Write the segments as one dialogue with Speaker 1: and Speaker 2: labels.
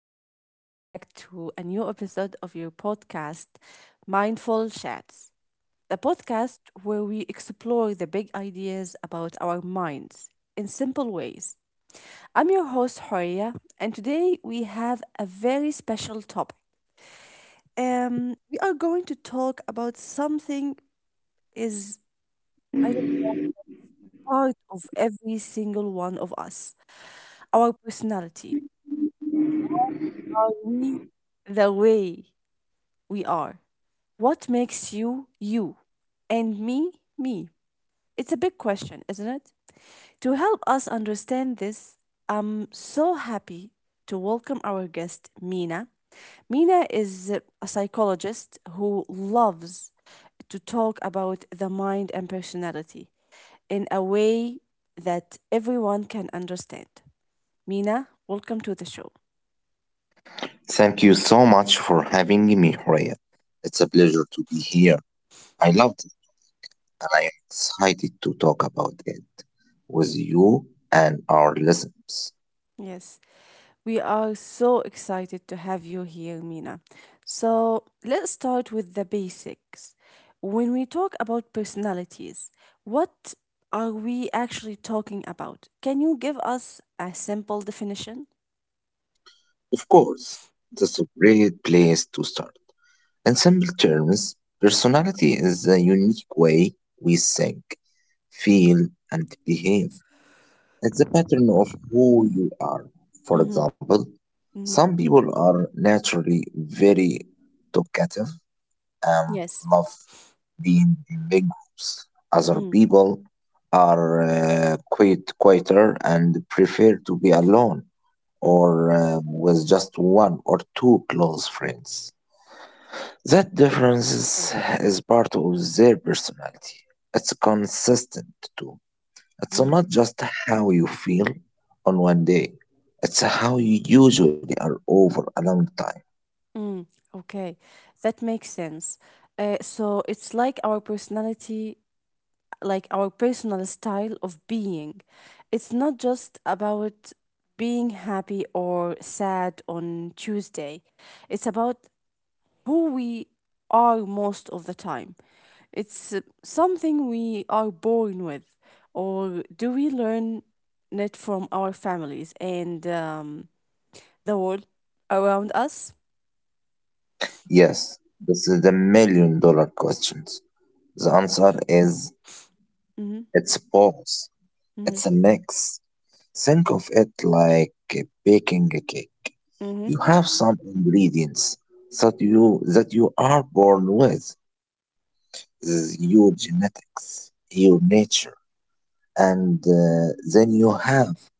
Speaker 1: and welcome back to a new episode of your podcast, Mindful Chats, the podcast where we explore the big ideas about our minds in simple ways. I'm your host, Horia, and today we have a very special topic. We are going to talk about something is I think, part of every single one of us, our personality. Are we the way we are? What makes you, you, and me, me? It's a big question, isn't it? To help us understand this, I'm so happy to welcome our guest, Mina. Mina is a psychologist who loves to talk about the mind and personality in a way that everyone can understand. Mina, welcome to the show.
Speaker 2: Thank you so much for having me, Horia. It's a pleasure to be here. I loved it and I am excited to talk about it with you and our listeners.
Speaker 1: Yes. We are so excited to have you here, Mina. So let's start with the basics. When we talk about personalities, what are we actually talking about? Can you give us a simple definition?
Speaker 2: Of course, that's a great place to start. In simple terms, personality is the unique way we think, feel, and behave. It's a pattern of who you are. For
Speaker 1: Mm-hmm.
Speaker 2: example,
Speaker 1: Mm-hmm.
Speaker 2: some people are naturally very talkative um,
Speaker 1: Yes.
Speaker 2: love being in big groups. Other
Speaker 1: Mm,
Speaker 2: people are quite quieter and prefer to be alone
Speaker 1: mm,
Speaker 2: or with just one or two close friends. That difference is part of their personality. It's consistent too. It's
Speaker 1: mm,
Speaker 2: not just how you feel on one day, it's how you usually are over a long time.
Speaker 1: mm. Okay, that makes sense. So it's like our personality like our personal style of being. It's not just about being happy or sad on Tuesday, it's about who we are most of the time. It's something we are born with, or do we learn it from our families and the world around us?
Speaker 2: Yes, this is the million dollar questions. The answer is
Speaker 1: Mm-hmm,
Speaker 2: it's both.
Speaker 1: mm-hmm,
Speaker 2: It's a mix. Think of it like baking a cake.
Speaker 1: mm-hmm,
Speaker 2: You have some ingredients that you are born with. This is your genetics, your nature, and then you have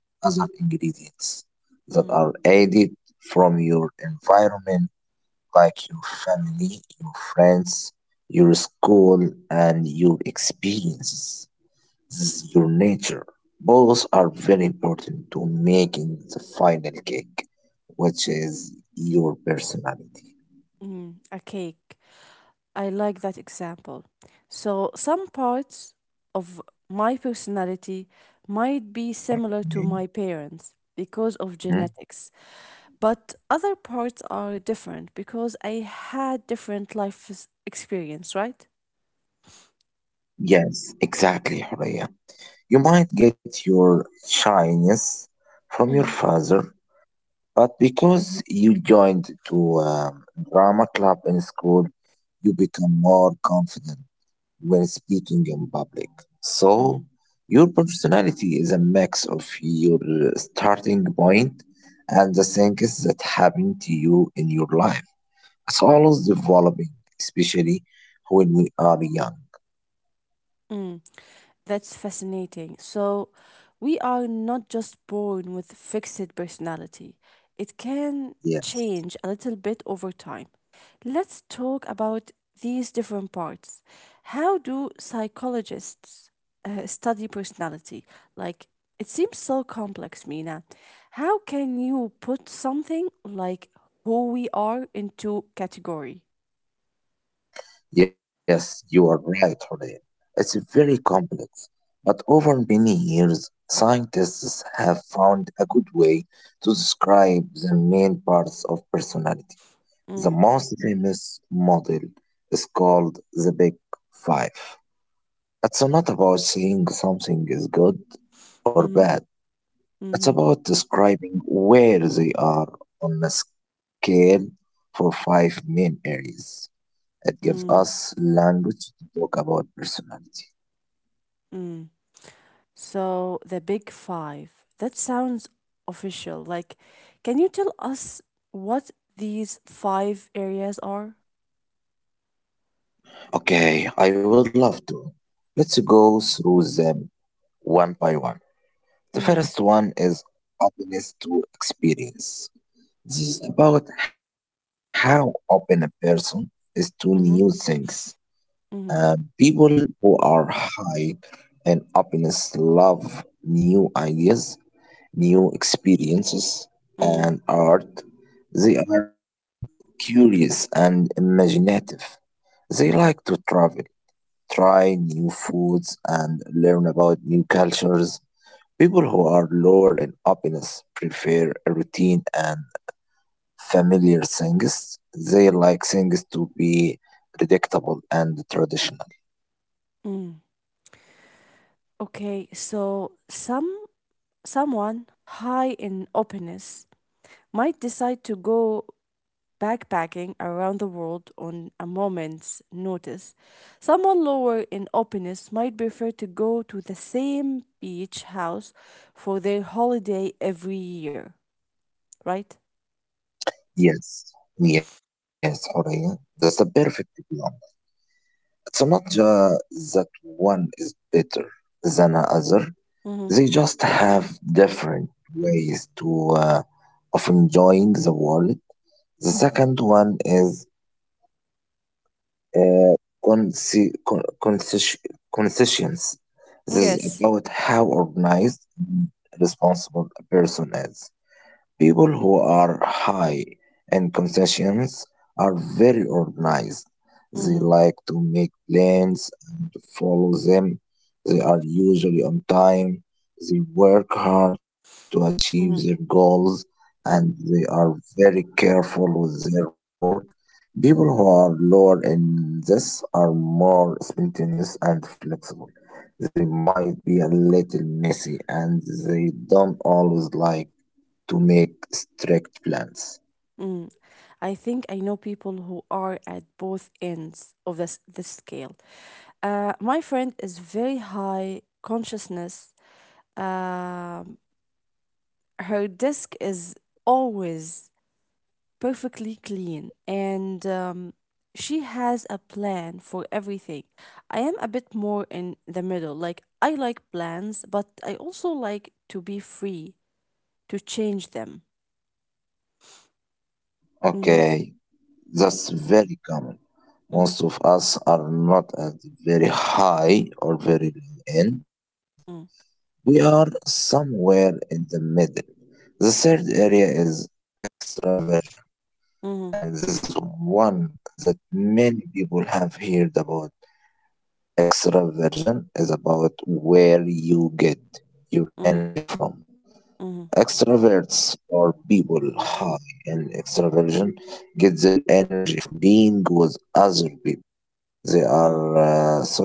Speaker 2: other ingredients that
Speaker 1: mm-hmm,
Speaker 2: are added from your environment, like your family, your friends, your school, and your experiences. Your nature. Both are very important to making the final cake, which is your personality.
Speaker 1: mm-hmm. A I like that example. So, some parts of my personality might be similar to my parents because of
Speaker 2: Mhm.
Speaker 1: genetics, but other parts are different because I had different life experience, right?
Speaker 2: Yes, exactly, Horea. You might get your shyness from your
Speaker 1: Mm-hmm.
Speaker 2: father, but because you joined to a drama club in school, you become more confident when speaking in public. So, your personality is a mix of your starting point and the things that happen to you in your life. It's always developing, especially when we are young.
Speaker 1: Mm-hmm. That's fascinating. So, we are not just born with fixed personality. It can
Speaker 2: Yes,
Speaker 1: change a little bit over time. Let's talk about these different parts. How do psychologists study personality? Like, it seems so complex, Mina. How can you put something like who we are into category?
Speaker 2: yes, you are right, Hurriya. It's very complex, but over many years, scientists have found a good way to describe the main parts of personality. The
Speaker 1: Mm,
Speaker 2: most famous model is called the Big Five. It's not about saying something is good or
Speaker 1: mm-hmm,
Speaker 2: bad, it's
Speaker 1: mm-hmm,
Speaker 2: about describing where they are on a scale for five main areas. It gives
Speaker 1: mm,
Speaker 2: us language to talk about personality.
Speaker 1: mm. So the Big Five. That sounds official. Like, can you tell us what these five areas are?
Speaker 2: Okay, I would love to. Let's go through them one by one. The
Speaker 1: Mm-hmm.
Speaker 2: first one is openness to experience. This is about how open a person is to new
Speaker 1: Mm-hmm.
Speaker 2: things.
Speaker 1: Mm-hmm.
Speaker 2: People who are high in openness love new ideas, new experiences,
Speaker 1: Mm-hmm.
Speaker 2: and art. They are curious and imaginative. They like to travel, try new foods, and learn about new cultures. People who are lower in openness prefer a routine and familiar things. They like things to be predictable and traditional.
Speaker 1: Mm. Okay, so someone high in openness might decide to go backpacking around the world on a moment's notice. Someone lower in openness might prefer to go to the same beach house for their holiday every year. Right?
Speaker 2: Yes, yes, Aurelia. That's a perfect plan. It's not that one is better than another.
Speaker 1: Hmm.
Speaker 2: They just have different ways to uh, of enjoying the world. The second one is uh, consi- con- consci- conscience. This is
Speaker 1: Yes.
Speaker 2: about how organized and responsible a person is. People who are high in concessions are very organized. They
Speaker 1: Hmm.
Speaker 2: like to make plans and follow them. They are usually on time. They work hard to achieve
Speaker 1: Hmm.
Speaker 2: their goals and
Speaker 1: Hmm.
Speaker 2: they are very careful with their work. People who are lower in this are more spontaneous and flexible. They might be a little messy and they don't always like to make strict plans.
Speaker 1: Hmm. I think I know people who are at both ends of this scale. My friend is very high consciousness. Um, her desk is always perfectly clean and she has a plan for everything. I am a bit more in the middle. Like, I like plans, but I also like to be free to change them. Mhm,
Speaker 2: Okay, that's very common.
Speaker 1: mhm,
Speaker 2: Most of us are not at the very high or very low end.
Speaker 1: mm,
Speaker 2: We are somewhere in the middle. The third area is extraversion, and
Speaker 1: mhm,
Speaker 2: this is one that many people have heard about. Extraversion is about where you get your
Speaker 1: mhm,
Speaker 2: energy from.
Speaker 1: mhm,
Speaker 2: Extroverts are people high in extraversion get their energy from being with other people. They
Speaker 1: mm,
Speaker 2: are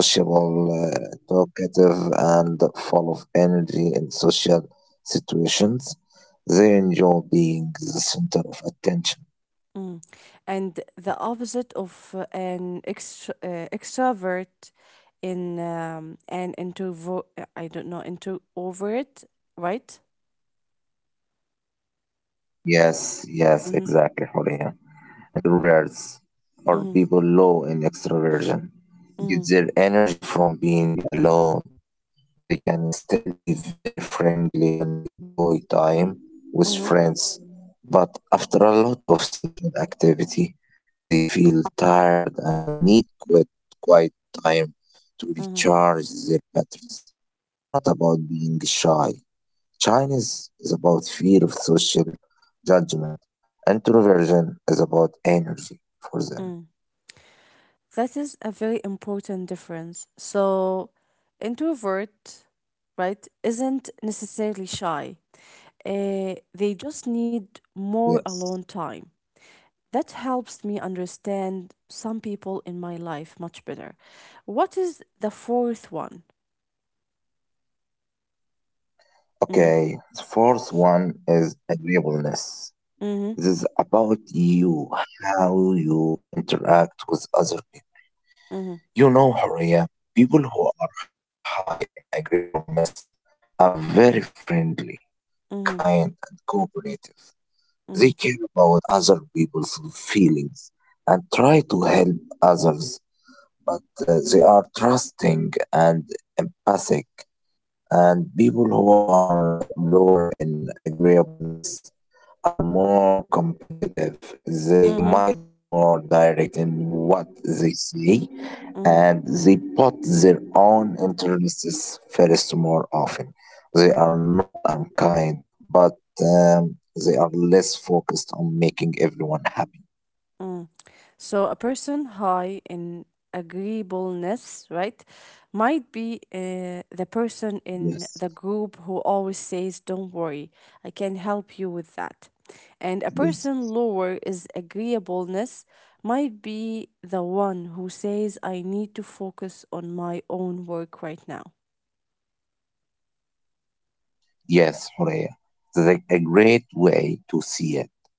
Speaker 2: sociable, talkative, and full of energy in social situations. They enjoy being the center of attention.
Speaker 1: mm. And the opposite of an extrovert in an introvert, I don't know, introvert, right?
Speaker 2: Yes,
Speaker 1: Mm-hmm,
Speaker 2: exactly, Horia. Introverts
Speaker 1: mm-hmm,
Speaker 2: or people low in extroversion
Speaker 1: mm-hmm,
Speaker 2: get their energy from being alone. They can still be very friendly and enjoy time with
Speaker 1: mm-hmm,
Speaker 2: friends, but after a lot of social activity, they feel tired and they need quiet time to
Speaker 1: mm-hmm,
Speaker 2: recharge their batteries. It's not about being shy. Shyness is about fear of social judgment. Introversion is about energy for them.
Speaker 1: mm. That is a very important difference. So, introvert, right, isn't necessarily shy. They just need more alone
Speaker 2: Yes.
Speaker 1: time. That helps me understand some people in my life much better. What is the fourth one? Mm-hmm.
Speaker 2: Okay. The fourth one is agreeableness.
Speaker 1: Mm-hmm.
Speaker 2: This is about you, how you interact with other people.
Speaker 1: Mm-hmm.
Speaker 2: You know, Horia, people who are high in agreeableness are very friendly,
Speaker 1: Mm-hmm.
Speaker 2: kind, and cooperative. They care about other people's feelings and try to help others, but they are trusting and empathic and people who are lower in agreeableness are more competitive. They
Speaker 1: Mm-hmm.
Speaker 2: might be more direct in what they say,
Speaker 1: Mm-hmm.
Speaker 2: and they put their own interests first more often. They are not unkind, but um, they are less focused on making everyone happy.
Speaker 1: Mm. So, a person high in agreeableness, right, might be the person in the
Speaker 2: Yes,
Speaker 1: group who always says, "Don't worry, I can help you with that." And a person
Speaker 2: yes,
Speaker 1: lower is agreeableness might be the one who says, "I need to focus on my own work right now."
Speaker 2: yes, Horea. That's a great way to see it.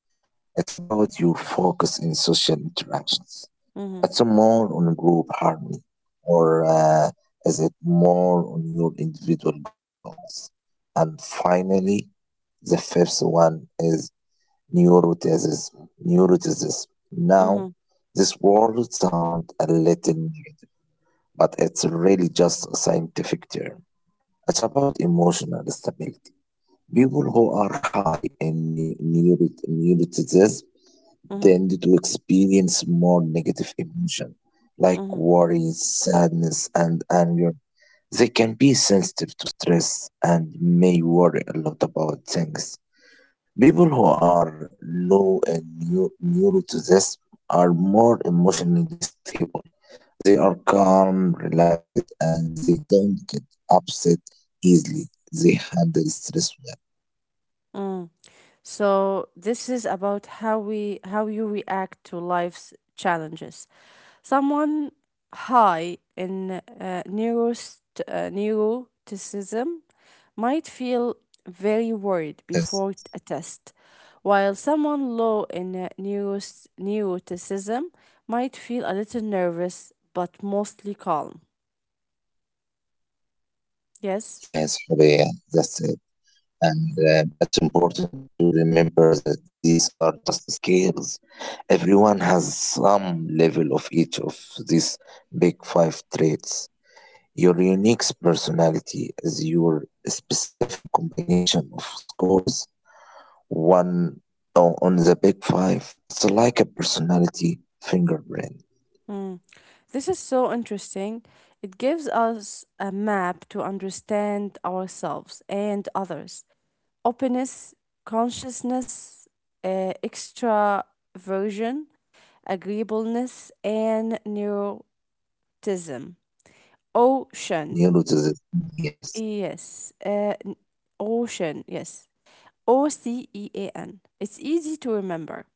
Speaker 2: It's about your focus in social interactions.
Speaker 1: Mm-hmm.
Speaker 2: It's a more on group harmony, or is it more on your individual goals? And finally, the fifth one is neuroticism. Neuroticism. Now,
Speaker 1: Mm-hmm.
Speaker 2: this word sounds a little negative, but it's really just a scientific term. It's about emotional stability. People who are high in neuroticism
Speaker 1: Mm-hmm.
Speaker 2: tend to experience more negative emotion like
Speaker 1: Mm-hmm.
Speaker 2: worry, sadness, and anger. They can be sensitive to stress and may worry a lot about things. People who are low in neuroticism are more emotionally stable. They are calm, relaxed, and they don't get upset easily. They handle stress well.
Speaker 1: Mm. So this is about how you react to life's challenges. Someone high in neuroticism might feel very worried before a
Speaker 2: Yes,
Speaker 1: test, while someone low in neuroticism might feel a little nervous but mostly calm. Yes?
Speaker 2: yes, Horea, that's it. And it's important to remember that these are just scales. Everyone has some level of each of these big five traits. Your unique personality is your specific combination of scores. One on the big five, it's like a personality fingerprint.
Speaker 1: Mm. This is so interesting. It gives us a map to understand ourselves and others. Openness, consciousness, extraversion, agreeableness, and neuroticism. Ocean.
Speaker 2: Neuroticism, yes.
Speaker 1: Yes. Ocean. Yes. OCEAN. It's easy to remember.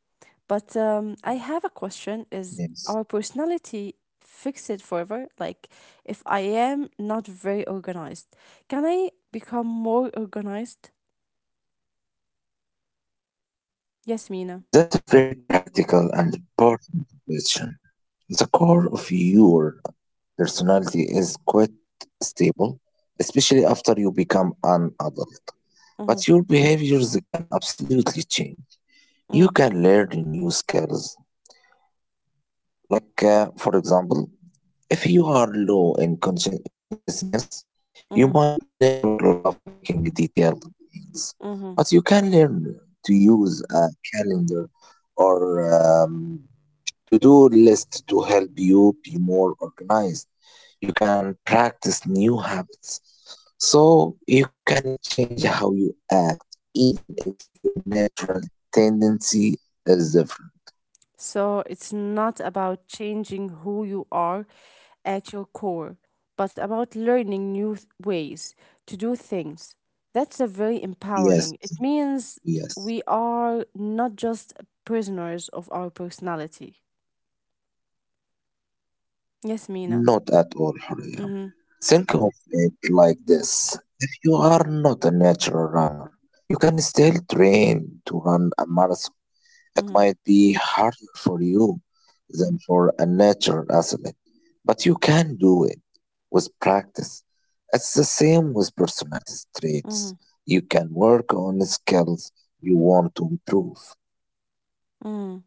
Speaker 1: But I have a question is our
Speaker 2: Yes.
Speaker 1: personality fixed forever? Like, if I am not very organized, can I become more organized? Yes, Mina.
Speaker 2: That's a very practical and important question. The core of your personality is quite stable, especially after you become an adult.
Speaker 1: Mm-hmm,
Speaker 2: But your behaviors can absolutely change.
Speaker 1: mm-hmm,
Speaker 2: You can learn new skills, like, for example, if you are low in consciousness, you
Speaker 1: mm-hmm.
Speaker 2: might never love making detailed plans,
Speaker 1: Mm-hmm.
Speaker 2: but you can learn to use a calendar or to-do list to help you be more organized. You can practice new habits so you can change how you act, even if your natural tendency is different.
Speaker 1: So it's not about changing who you are at your core, but about learning new ways to do things. That's a very empowering.
Speaker 2: Yes,
Speaker 1: It means we
Speaker 2: yes.
Speaker 1: are not just prisoners of our personality. Yes, Mina.
Speaker 2: Not at all, Horia.
Speaker 1: Mm-hmm.
Speaker 2: Think of it like this. If you are not a natural runner, you can still train to run a marathon. It
Speaker 1: Mm-hmm.
Speaker 2: might be harder for you than for a natural athlete, but you can do it with practice. It's the same with personality traits.
Speaker 1: Mm-hmm.
Speaker 2: You can work on the skills you want to improve.
Speaker 1: Mm-hmm.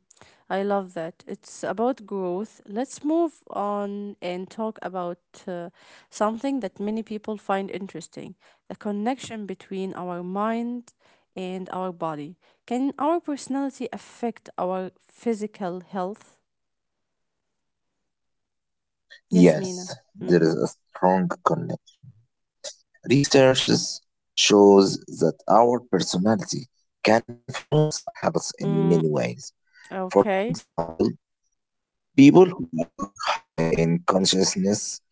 Speaker 1: I love that. It's about growth. Let's move on and talk about uh, something that many people find interesting, the connection between our mind and our body. Can our personality affect our physical health? Yes, Mina.
Speaker 2: Yes,
Speaker 1: Mm.
Speaker 2: there is a strong connection. Research shows that our personality can influence our habits
Speaker 1: Mm.
Speaker 2: in many ways.
Speaker 1: Okay.
Speaker 2: For example, people who are high in consciousness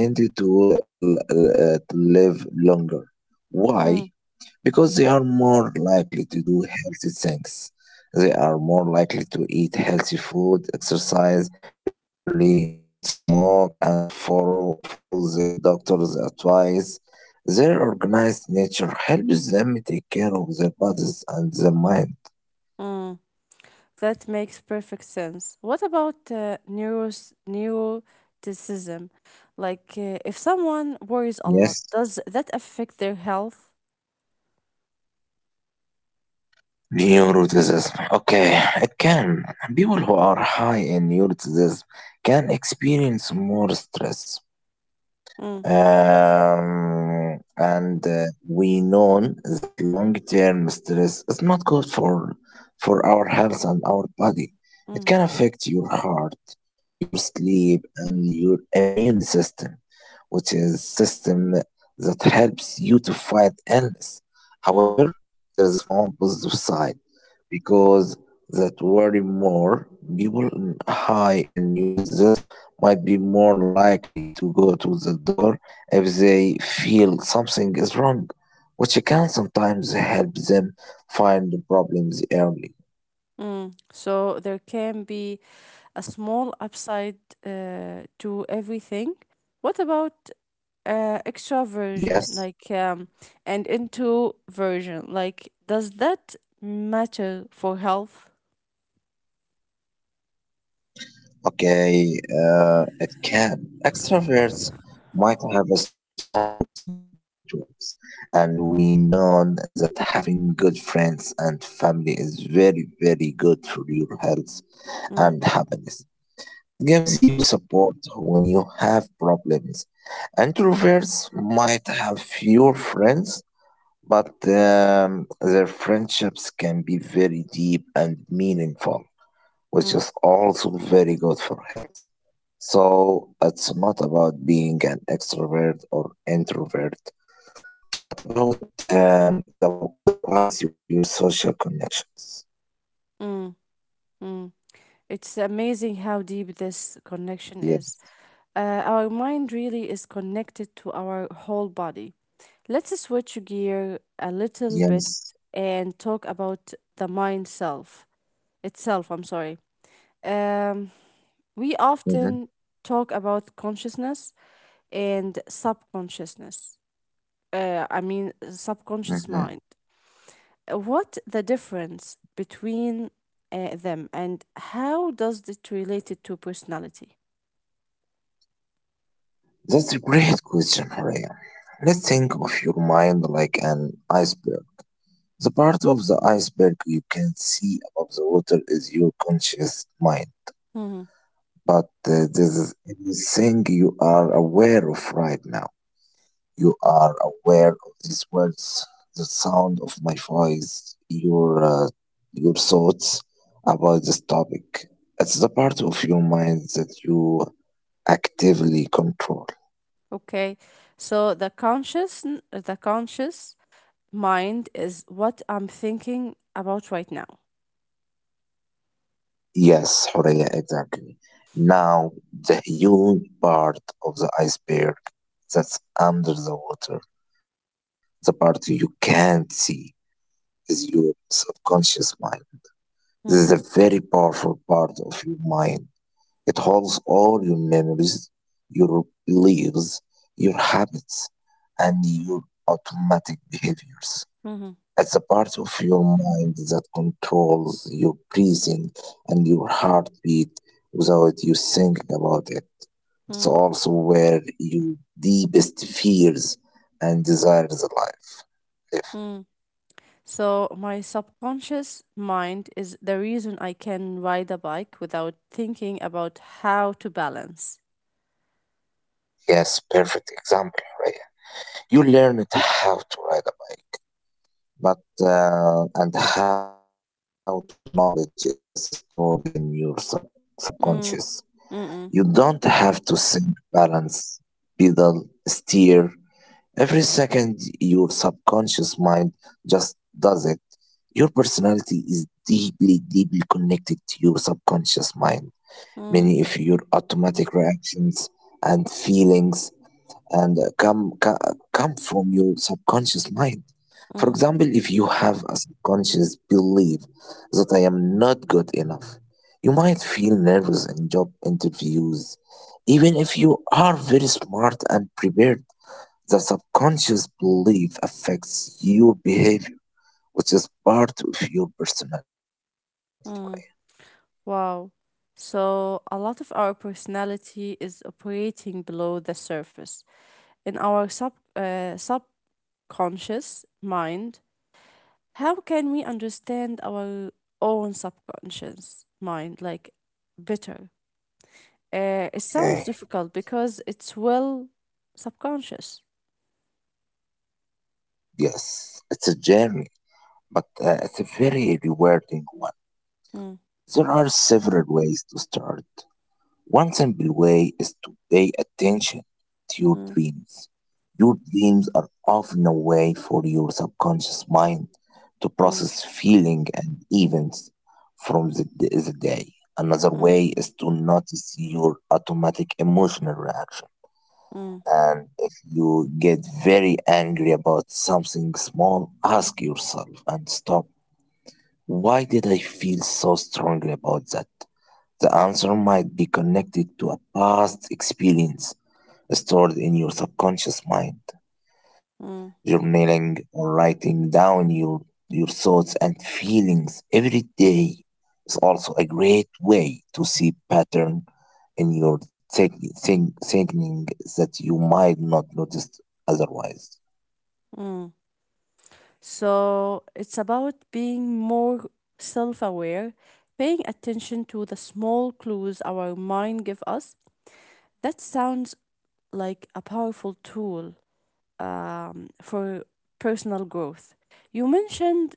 Speaker 2: tend to, to live longer.
Speaker 1: Mm.
Speaker 2: Why? Because they are more likely to do healthy things. They are more likely to eat healthy food, exercise regularly, not smoke, and follow their doctor's advice. Their organized nature helps them take care of their bodies and their
Speaker 1: Mm.
Speaker 2: mind.
Speaker 1: Mm. That makes perfect sense. What about neuroticism? Like, if someone worries a lot, does
Speaker 2: Yes.
Speaker 1: that affect their health?
Speaker 2: Neuroticism. Okay, it can. People who are high in neuroticism can experience more stress.
Speaker 1: Mm,
Speaker 2: And We know that long-term stress is not good for our health and our body. It
Speaker 1: mm,
Speaker 2: can affect your heart, your sleep, and your immune system, which is system that helps you to fight illness.
Speaker 1: mm,
Speaker 2: However, there's a small positive side because that worry more people high in neuroticism might be more likely to go to the doctor if they feel something is wrong, which can sometimes help them find the problems early.
Speaker 1: mm. So, there can be a small upside to everything. What about extroversion,
Speaker 2: Yes,
Speaker 1: like, and introversion? Like, does that matter for health?
Speaker 2: okay, it can. Extroverts might have a strong social networks, and we know that having good friends and family is very, very good for your health and
Speaker 1: Mm,
Speaker 2: happiness. It gives you support when you have problems. Introverts might have fewer friends but their friendships can be very deep and meaningful, which
Speaker 1: mm,
Speaker 2: is also very good for health. So it's not about being an extrovert or introvert, but about the quality of your social connections.
Speaker 1: mm, mm. It's amazing how deep this connection
Speaker 2: Yes,
Speaker 1: is. Our mind really is connected to our whole body. Let's switch gear a little bit
Speaker 2: yes.
Speaker 1: and talk about the mind self itself. I'm sorry. Um, we often
Speaker 2: Hmm.
Speaker 1: talk about consciousness and subconsciousness. I mean, subconscious mind.
Speaker 2: Hmm.
Speaker 1: What the difference between them and how does it relate to personality?
Speaker 2: That's a great question, Maria. Let's think of your mind like an iceberg. The part of the iceberg you can see above the water is your conscious mind,
Speaker 1: Mhm.
Speaker 2: but this is everything you are aware of right now. You are aware of these words, the sound of my voice, your thoughts about this topic. It's the part of your mind that you actively control.
Speaker 1: Okay. So the conscious mind is what I'm thinking about right now.
Speaker 2: Yes, Horea, exactly. Now, the huge part of the iceberg that's under the water, the part you can't see, is your subconscious mind. This
Speaker 1: Mm,
Speaker 2: is a very powerful part of your mind. It holds all your memories, your beliefs, your habits, and your automatic behaviors.
Speaker 1: mhm,
Speaker 2: It's a part of your mind that controls your breathing and your heartbeat without you thinking about it. It's
Speaker 1: mm,
Speaker 2: also where your deepest fears and desires live.
Speaker 1: mm. So my subconscious mind is the reason I can ride a bike without thinking about how to balance.
Speaker 2: Yes, perfect example, right? You learned how to ride a bike, but and how to knowledge is stored in your subconscious.
Speaker 1: Mm,
Speaker 2: You
Speaker 1: mm,
Speaker 2: don't have to think, balance, pedal, steer. Every second, your subconscious mind just does it. Your personality is deeply, deeply connected to your subconscious mind.
Speaker 1: mm, mm,
Speaker 2: Many of your automatic reactions and feelings and uh, come co- come from your subconscious mind.
Speaker 1: mm.
Speaker 2: For example, if you have a subconscious belief that I am not good enough, you might feel nervous in job interviews, even if you are very smart and prepared. The subconscious belief affects your behavior, which is part of your personality.
Speaker 1: Wow. So, a lot of our personality is operating below the surface. In our subconscious mind, how can we understand our own subconscious mind like better?
Speaker 2: Okay.
Speaker 1: It sounds difficult because it's well subconscious.
Speaker 2: Yes, it's a journey, but it's a very rewarding one.
Speaker 1: Mm,
Speaker 2: There are several ways to start. One simple way is to pay attention to your
Speaker 1: mm,
Speaker 2: dreams. Your dreams are often a way for your subconscious mind to
Speaker 1: mm,
Speaker 2: process feeling and events from the day. Another
Speaker 1: mm,
Speaker 2: way is to notice your automatic emotional reaction.
Speaker 1: mm,
Speaker 2: And if you get very angry about something small, ask yourself and stop. Why did I feel so strongly about that? The answer might be connected to a past experience stored in your subconscious mind.
Speaker 1: mm,
Speaker 2: Journaling or writing down your thoughts and feelings every day is also a great way to see pattern in your thinking that you might not notice otherwise.
Speaker 1: mm. So it's about being more self aware, paying attention to the small clues our mind give us. That sounds like a powerful tool for personal growth. You mentioned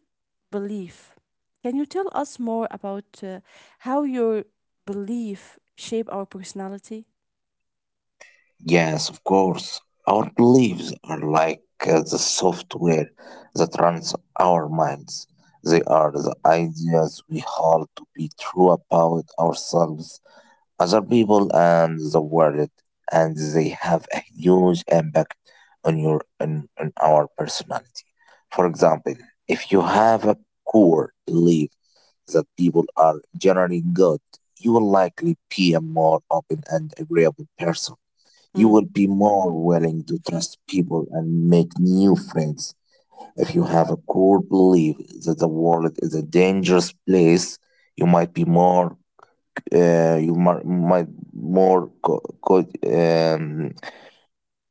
Speaker 1: belief. Can you tell us more about how your belief shape our personality?
Speaker 2: Yes, of course. Our beliefs are like the software that runs our minds. They are the ideas we hold to be true about ourselves, other people, and the world, and they have a huge impact on our personality. For example, if you have a core belief that people are generally good, you will likely be a more open and agreeable person. You
Speaker 1: Mm,
Speaker 2: will be more willing to trust people and make new friends. If you have a core belief that the world is a dangerous place, you might be more, you might more co- co-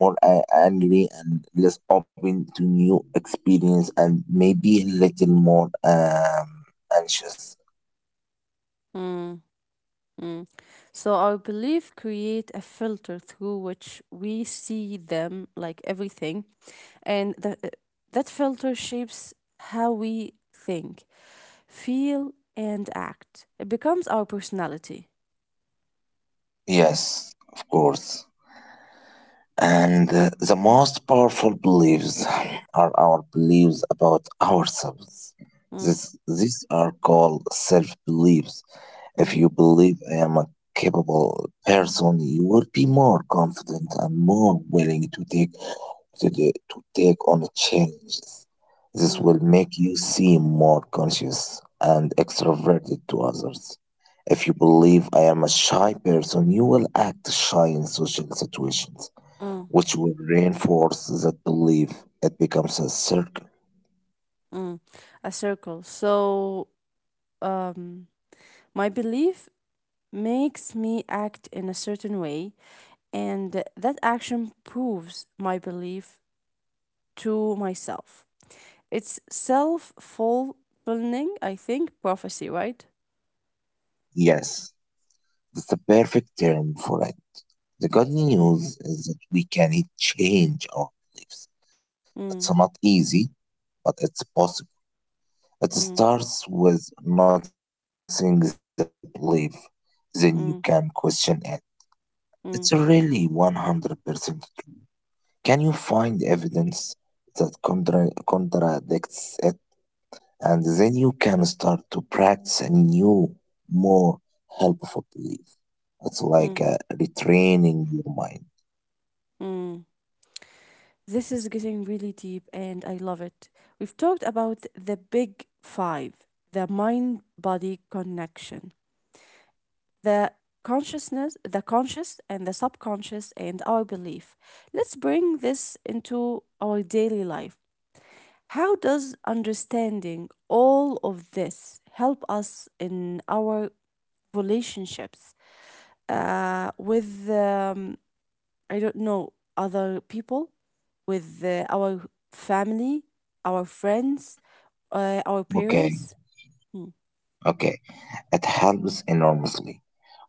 Speaker 2: more angry and less open to new experience and maybe a little more anxious.
Speaker 1: mm, mm. So our belief create a filter through which we see them like everything and that filter shapes how we think, feel, and act. It becomes our personality.
Speaker 2: Yes, of course. And the most powerful beliefs are our beliefs about ourselves.
Speaker 1: Mm,
Speaker 2: These are called self beliefs. If
Speaker 1: mm,
Speaker 2: you believe I am a capable person, you will be more confident and more willing to take on challenges. This
Speaker 1: mm,
Speaker 2: will make you seem more conscious and extroverted to others. If you believe I am a shy person, you will act shy in social situations,
Speaker 1: mm,
Speaker 2: which will reinforce that belief. It becomes a circle.
Speaker 1: mm. A circle. So, um, my belief makes me act in a certain way, and that action proves my belief to myself. It's self fulfilling, I think, prophecy, right?
Speaker 2: Yes, that's the perfect term for it. The good
Speaker 1: Mm,
Speaker 2: news is that we can change our beliefs. It's not
Speaker 1: mm,
Speaker 2: easy, but it's possible. It
Speaker 1: mm,
Speaker 2: starts with noticing the belief, then you can question it.
Speaker 1: mm,
Speaker 2: It's really
Speaker 1: mm,
Speaker 2: 100% true. Can you find evidence that contradicts it? And then you can start to practice a new, more helpful belief. It's like
Speaker 1: mm.
Speaker 2: retraining your mind.
Speaker 1: Mm. This is getting really deep and I love it. We've talked about the big five, the mind body connection, the consciousness, the conscious and the subconscious, and our belief. Let's bring this into our daily life. How does understanding all of this help us in our relationships with, I don't know, other people? With our family, our friends, our
Speaker 2: Okay,
Speaker 1: parents. Mm,
Speaker 2: okay. It helps enormously.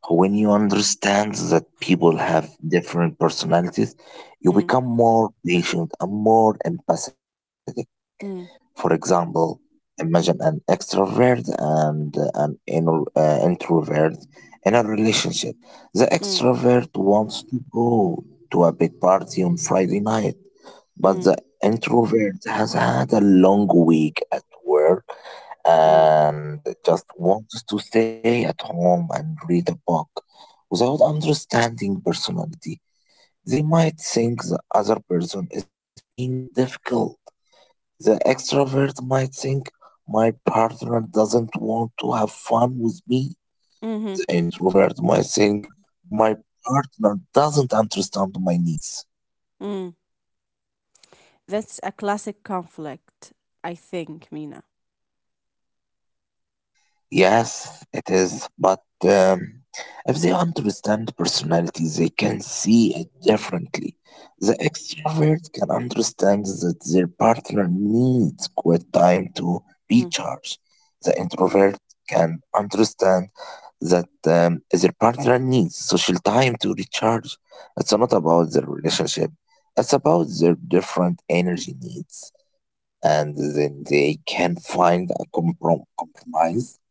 Speaker 2: When you understand that people have different personalities, you
Speaker 1: mm,
Speaker 2: become more patient and more empathetic.
Speaker 1: mm,
Speaker 2: For example, imagine an extrovert and an introvert in a relationship. The
Speaker 1: mm,
Speaker 2: extrovert wants to go to a big party on Friday night,
Speaker 1: mm,
Speaker 2: but the introvert has had a long week at work
Speaker 1: mm,
Speaker 2: and just wants to stay at home and read a book without understanding personality. They might think the other person is being difficult. The extrovert might think my partner doesn't want to have fun with me. The
Speaker 1: mhm,
Speaker 2: introvert might think my partner doesn't understand my needs.
Speaker 1: mm. That's a classic conflict, I think, Mina.
Speaker 2: Yes, it is. But if they understand personality, they can see it differently. The extrovert can understand that their partner needs quiet time to
Speaker 1: Mhm,
Speaker 2: recharge. The introvert can understand that their partner needs social time to recharge. It's not about their relationship, it's about their different energy needs, and then they can find a compromise.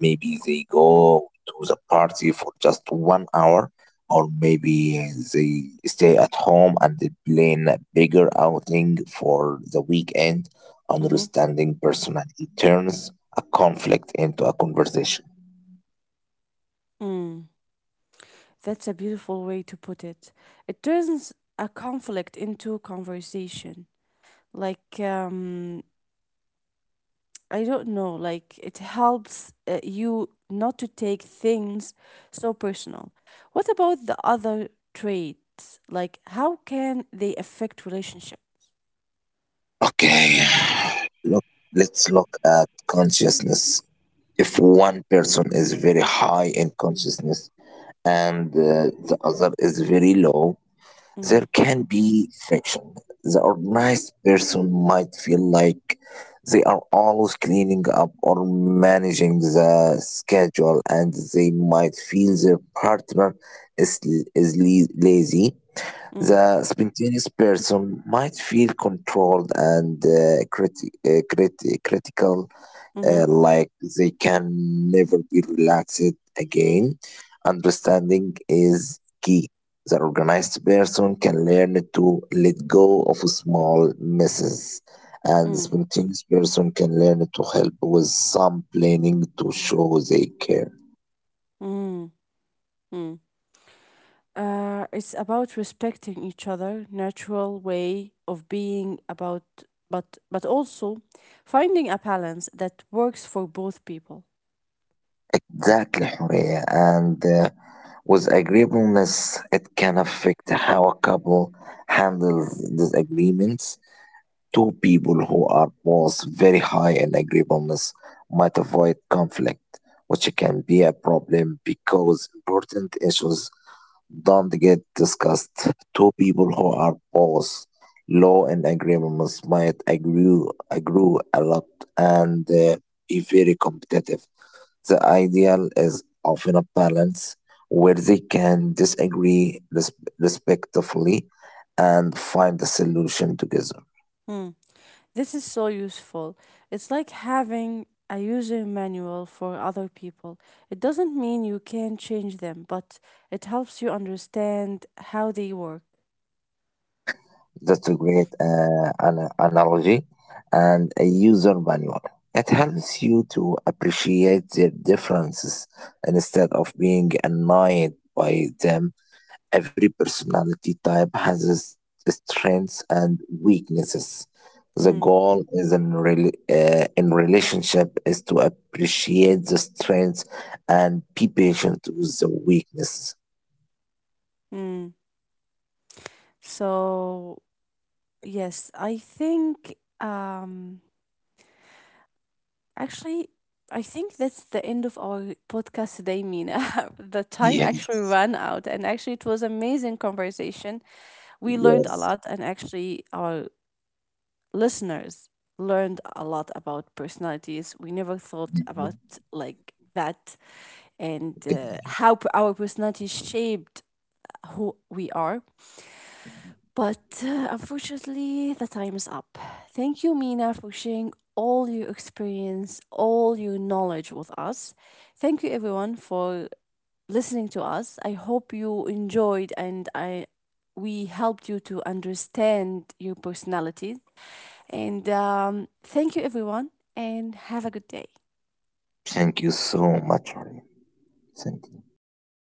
Speaker 2: Maybe they go to the party for just 1 hour, or maybe they stay at home and they plan a bigger outing for the weekend.
Speaker 1: mhm,
Speaker 2: Understanding personality turns a conflict into a conversation.
Speaker 1: mm. That's a beautiful way to put it. It turns a conflict into conversation. Like, I don't know, like it helps you not to take things so personal. What about the other traits? Like, how can they affect relationship?
Speaker 2: Okay, look, let's look at consciousness. If one person is very high in consciousness and the other is very low,
Speaker 1: Mm-hmm.
Speaker 2: there can be friction. The organized person might feel like they are always cleaning up or managing the schedule, and they might feel their partner is, lazy.
Speaker 1: Mm,
Speaker 2: The spontaneous person might feel controlled and critical,
Speaker 1: mm-hmm.
Speaker 2: like they can never be relaxed again. Understanding is key. The organized person can learn to let go of small misses, and the
Speaker 1: Mm,
Speaker 2: spontaneous person can learn to help with some planning to show they care.
Speaker 1: mm, mm. It's about respecting each other, natural way of being about, but also finding a balance that works for both people.
Speaker 2: Exactly, Horea. And with agreeableness, it can affect how a couple handles disagreements. Two people who are both very high in agreeableness might avoid conflict, which can be a problem because important issues don't get discussed. Two people who are both low in agreeableness might agree a lot and be very competitive. The ideal is often a balance where they can disagree respectfully and find a solution together.
Speaker 1: Hmm. This is so useful. It's like having a user manual for other people. It doesn't mean you can change them, but it helps you understand how they work.
Speaker 2: That's a great analogy, and a user manual. It helps you to appreciate their differences instead of being annoyed by them. Every personality type has its strengths and weaknesses. The
Speaker 1: Hmm.
Speaker 2: goal is in relationship is to appreciate the strengths and be patient with the weaknesses.
Speaker 1: Hmm. So, yes, I think, um, actually, I think that's the end of our podcast today, Mina. The time actually
Speaker 2: Yes.
Speaker 1: ran out, and actually, it was amazing conversation. We learned a
Speaker 2: Yes.
Speaker 1: lot, and actually, our listeners learned a lot about personalities. We never thought
Speaker 2: Mhm.
Speaker 1: about like that and how p- our personality shaped who we are. But unfortunately, the time is up. Thank you, Mina, for sharing all your experience, all your knowledge with us. Thank you, everyone, for listening to us. I hope you enjoyed and I we helped you to understand your personality and thank you, everyone, and have a good day.
Speaker 2: Thank you so much. Arya. Thank you.